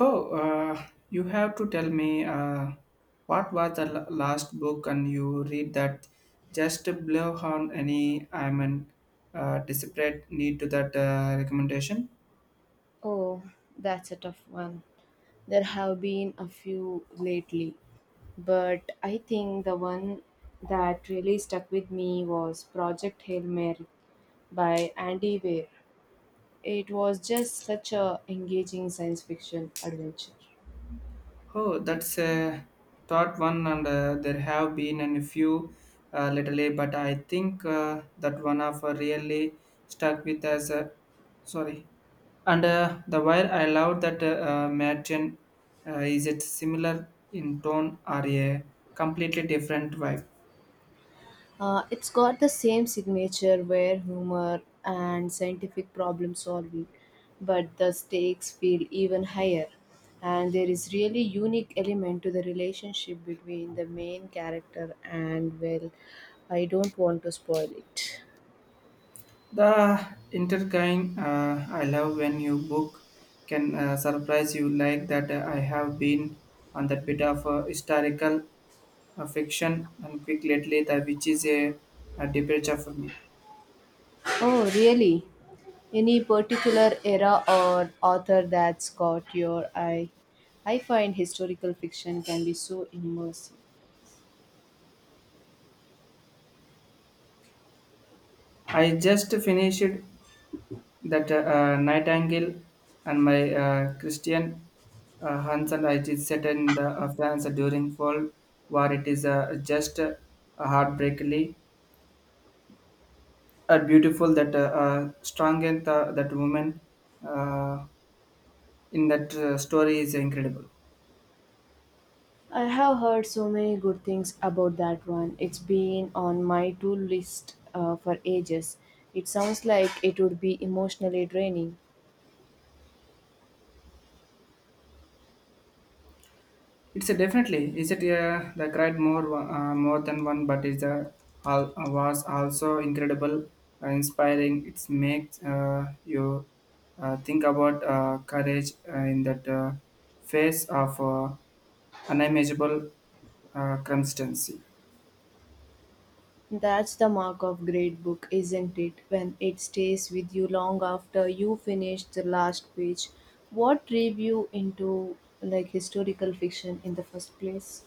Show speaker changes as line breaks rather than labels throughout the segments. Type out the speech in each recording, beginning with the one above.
Oh, you have to tell me what was the last book and you read that just blow on any I'm an desperate need to that recommendation.
Oh, that's a tough one. There have been a few lately, but I think the one that really stuck with me was Project Hail Mary by Andy Weir. It was just such a engaging science fiction adventure.
Oh, that's a thought one and there have been a few lately, but I think that one of really stuck with us. Sorry. And the while I love that Merchant, is it similar in tone or a completely different vibe?
It's got the same signature where humor and scientific problem solving, but the stakes feel even higher. And there is really unique element to the relationship between the main character and well, I don't want to spoil it.
The intergang I love when you book can surprise you like that. I have been on that bit of historical fiction and quick lately, that which is a departure for me.
Oh, really? Any particular era or author that's caught your eye? I find historical fiction can be so immersive.
I just finished that Nightingale and my Christian Hansen it is set in the, France during fall. War. It is just heartbreakingly beautiful that strong and that woman uh, in that story is incredible.
I have heard so many good things about that one. It's been on my to list for ages. It sounds like it would be emotionally draining.
It's a definitely is it the cried more more than one, but is the was also incredible, inspiring. It makes you think about courage in that face of unimaginable circumstance.
That's the mark of great book, isn't it? When it stays with you long after you finish the last page. What drew you into like historical fiction in the first place?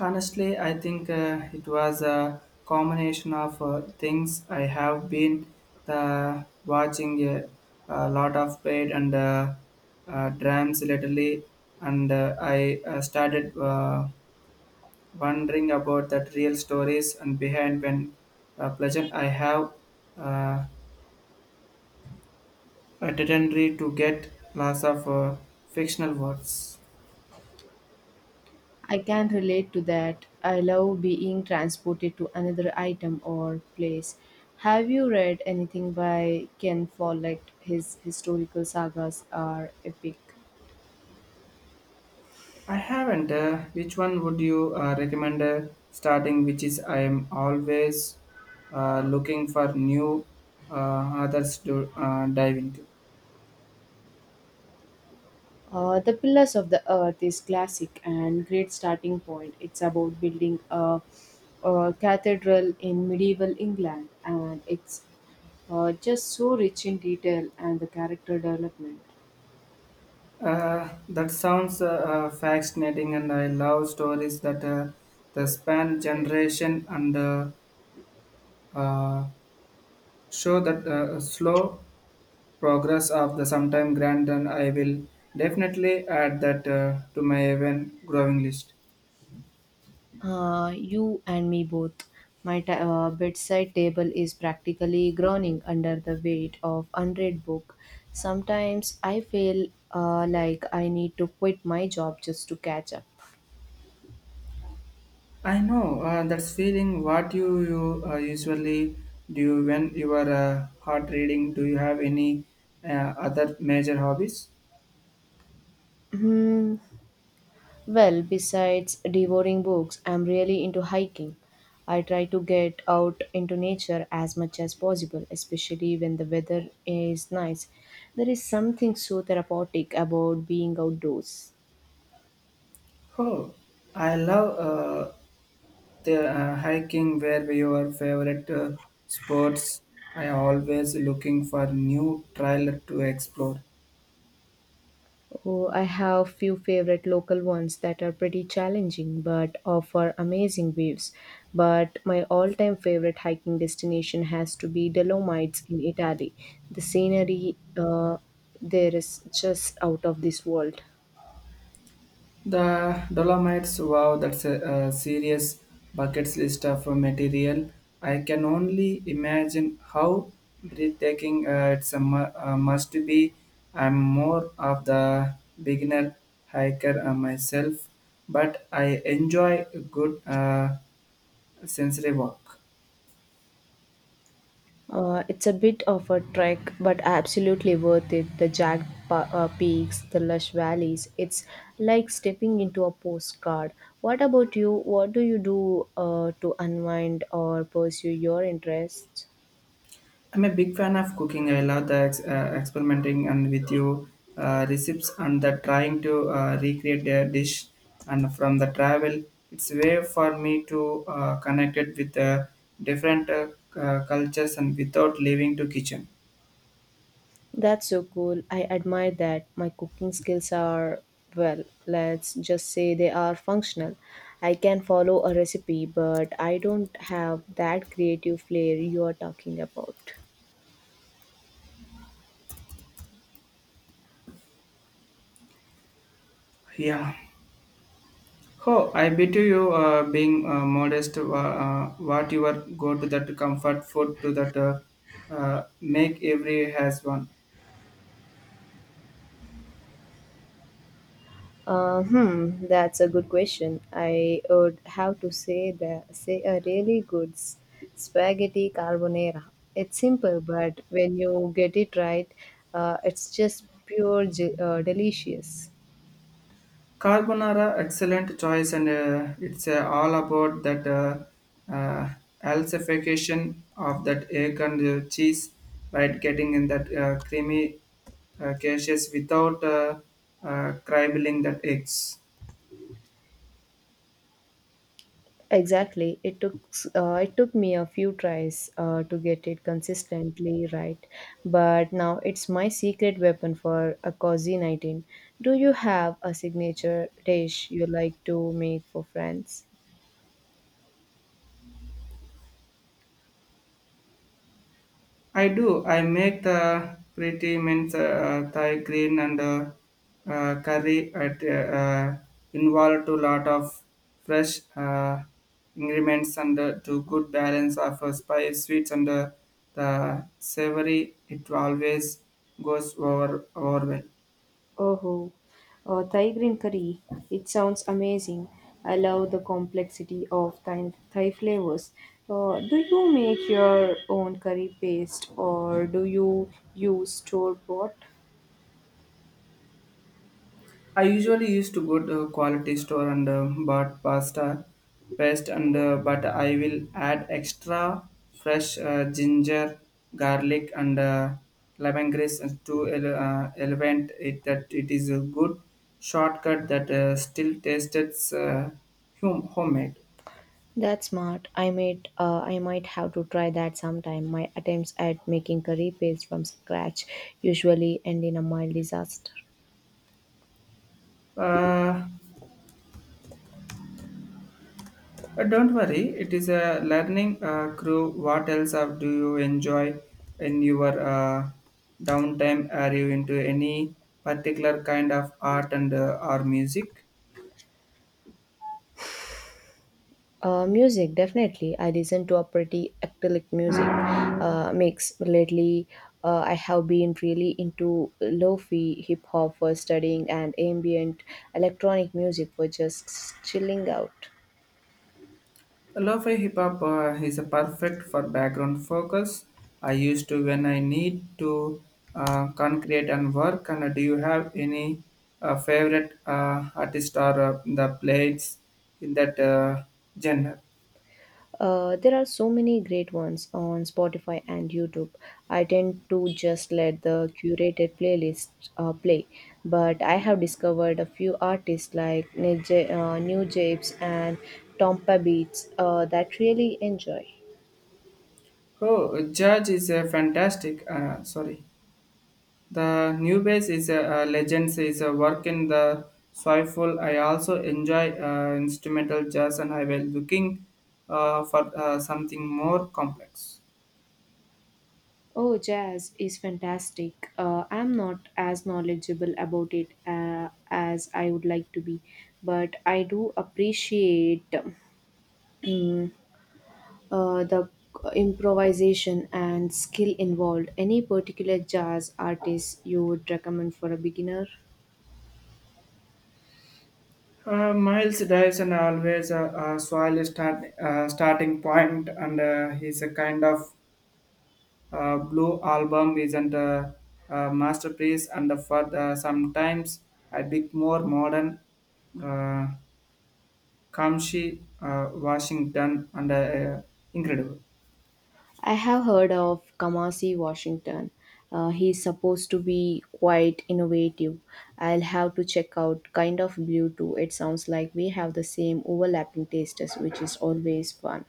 Honestly, I think it was a combination of things. I have been the watching a lot of paid and drams lately, and I started wondering about that real stories and behind when pleasant. I have uh, a tendency to get lots of fictional words.
I can relate to that. I love being transported to another item or place. Have you read anything by Ken Follett? His historical sagas are epic.
I haven't. Which one would you recommend starting? Which is I am always looking for new uh, others to dive into.
The Pillars of the Earth is classic and great starting point. It's about building a cathedral in medieval England, and it's just so rich in detail and the character development.
That sounds fascinating, and I love stories that the span generation and uh, show that slow progress of the sometime grand. And I will definitely add that to my even growing list.
You and me both. My bedside table is practically groaning under the weight of unread book. Sometimes I feel like I need to quit my job just to catch up.
I know that's feeling. What you usually do when you are hard reading? Do you have any uh, other major hobbies?
Hmm. Well, besides devouring books, I'm really into hiking. I try to get out into nature as much as possible, especially when the weather is nice. There is something so therapeutic about being outdoors.
Oh, I love the hiking. Where were your favorite sports? I always looking for new trail to explore.
Oh, I have few favorite local ones that are pretty challenging but offer amazing views. But my all-time favorite hiking destination has to be Dolomites in Italy. The scenery there is just out of this world.
The Dolomites, wow, that's a serious bucket list of material. I can only imagine how breathtaking it's a, must be. I'm more of the beginner hiker myself, but I enjoy a good sensory walk.
It's a bit of a trek, but absolutely worth it. The jagged peaks, the lush valleys. It's like stepping into a postcard. What about you? What do you do to unwind or pursue your interests?
I'm a big fan of cooking. I love the experimenting and with you recipes and the trying to recreate a dish and from the travel. It's way for me to connect it with different cultures and without leaving to kitchen.
That's so cool. I admire that. My cooking skills are, well, let's just say they are functional. I can follow a recipe, but I don't have that creative flair you are talking about.
Yeah. Oh, I bet you being modest, what you are go to that comfort food to that make every has one.
That's a good question. I would have to say that say a really good spaghetti carbonara. It's simple, but when you get it right, it's just pure delicious.
Carbonara, excellent choice, and it's all about that uh, emulsification of that egg and cheese, right? Getting in that creamy cases without cribling that eggs.
Exactly. It took me a few tries to get it consistently right, but now it's my secret weapon for a cozy 19. Do you have a signature dish you like to make for friends?
I do. I make the pretty mince Thai green and curry at involved to lot of fresh ingredients and to good balance of spice sweets and the savory. It always goes over well.
Oh, Thai green curry. It sounds amazing. I love the complexity of Thai flavors. Do you make your own curry paste or do you use store bought?
I usually used to good quality store and bought pasta paste and but I will add extra fresh ginger, garlic and lemongrass and to elevate it that it is a good shortcut that still tastes homemade.
That's smart. I might have to try that sometime. My attempts at making curry paste from scratch usually end in a mild disaster.
Uh, don't worry, it is a learning crew. What else of do you enjoy in your downtime? Are you into any particular kind of art and or music?
Music, definitely. I listen to a pretty eclectic music mix lately. I have been really into lo-fi hip hop for studying and ambient electronic music for just chilling out.
Lo-fi hip hop is a perfect for background focus. I used to when I need to concrete and work. And do you have any favorite artist or the plays in that genre?
There are so many great ones on Spotify and YouTube. I tend to just let the curated playlist play, but I have discovered a few artists like New Japes and Tompa Beats that really enjoy.
Oh, Judge is a fantastic. Sorry. The new base is a legend is a work in the soulful. I also enjoy instrumental jazz and I was looking for something more complex.
Oh, jazz is fantastic. I'm not as knowledgeable about it as I would like to be, but I do appreciate. Mm, the improvisation and skill involved. Any particular jazz artist you would recommend for a beginner?
Miles Dyson always a soil start, starting point and he's a kind of blue album isn't a masterpiece and for the, sometimes a bit more modern uh, Kamshi Washington and incredible.
I have heard of Kamasi Washington. He's supposed to be quite innovative. I'll have to check out Kind of Blue too. It sounds like we have the same overlapping tastes, which is always fun.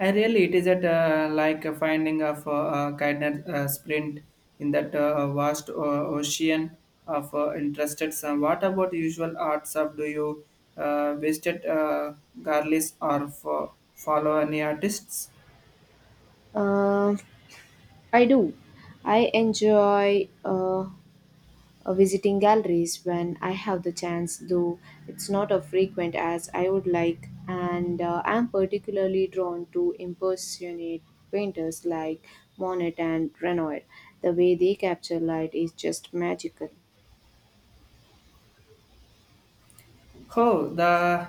I really, it is at like a finding of kindness sprint in that vast ocean of interested. Some. What about usual arts of do you visit garlics or follow any artists?
Uh, I do. I enjoy visiting galleries when I have the chance, though it's not as frequent as I would like. And I'm particularly drawn to impersonate painters like Monet and Renoir. The way they capture light is just magical.
Oh, the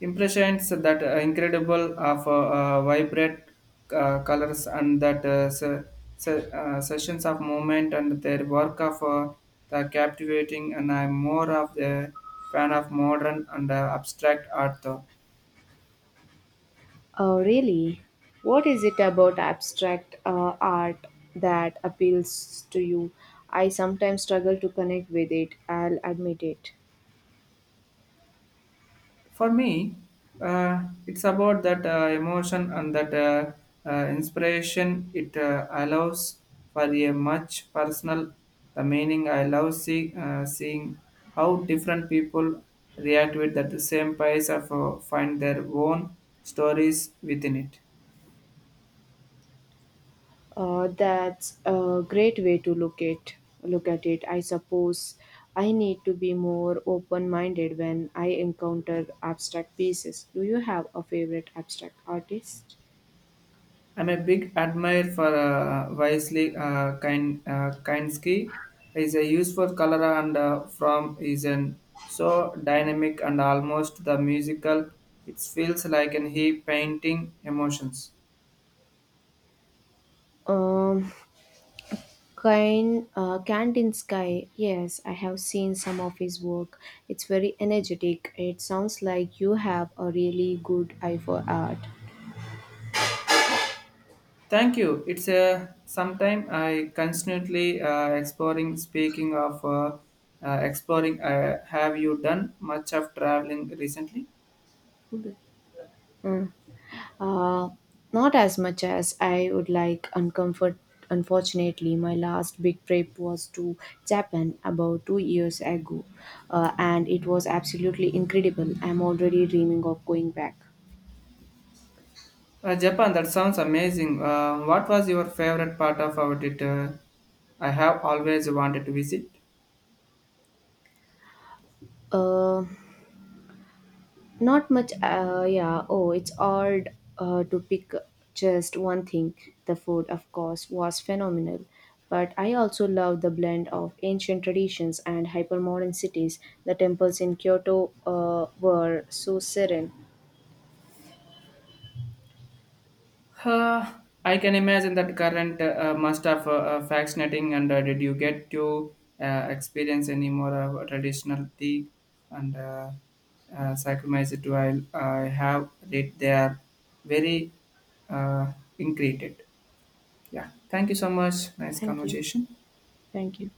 impressions that incredible of vibrant colors and that sessions of movement and their work of the captivating and I'm more of the fan of modern and abstract art.
Oh, really? What is it about abstract art that appeals to you? I sometimes struggle to connect with it, I'll admit it.
For me, it's about that emotion and that inspiration. It allows for a much personal the meaning. I love seeing how different people react with that same piece of find their own stories within it.
That's a great way to look at it. I suppose I need to be more open-minded when I encounter abstract pieces. Do you have a favorite abstract artist?
I'm a big admirer for Wesley Kinski. He's a useful color and from is an so dynamic and almost the musical. It feels like an he painting emotions.
Um, Kandinsky. Yes, I have seen some of his work. It's very energetic. It sounds like you have a really good eye for art.
Thank you. It's a sometime I constantly exploring. Speaking of exploring, have you done much of traveling recently?
Hmm. Uh, not as much as I would like. Uncomfort. Unfortunately, my last big trip was to Japan about 2 years ago, and it was absolutely incredible. I'm already dreaming of going back.
Japan, that sounds amazing. What was your favorite part of about it? I have always wanted to visit.
Uh, Not much, yeah. Oh, it's hard to pick just one thing. The food, of course, was phenomenal. But I also love the blend of ancient traditions and hypermodern cities. The temples in Kyoto were so serene.
Uh, I can imagine that current must have fascinating. And did you get to experience any more traditional tea and saccharomyces? Do I have read they are very uh, ingredient. Yeah. Thank you so much. Nice
Thank you.
conversation.
Thank you.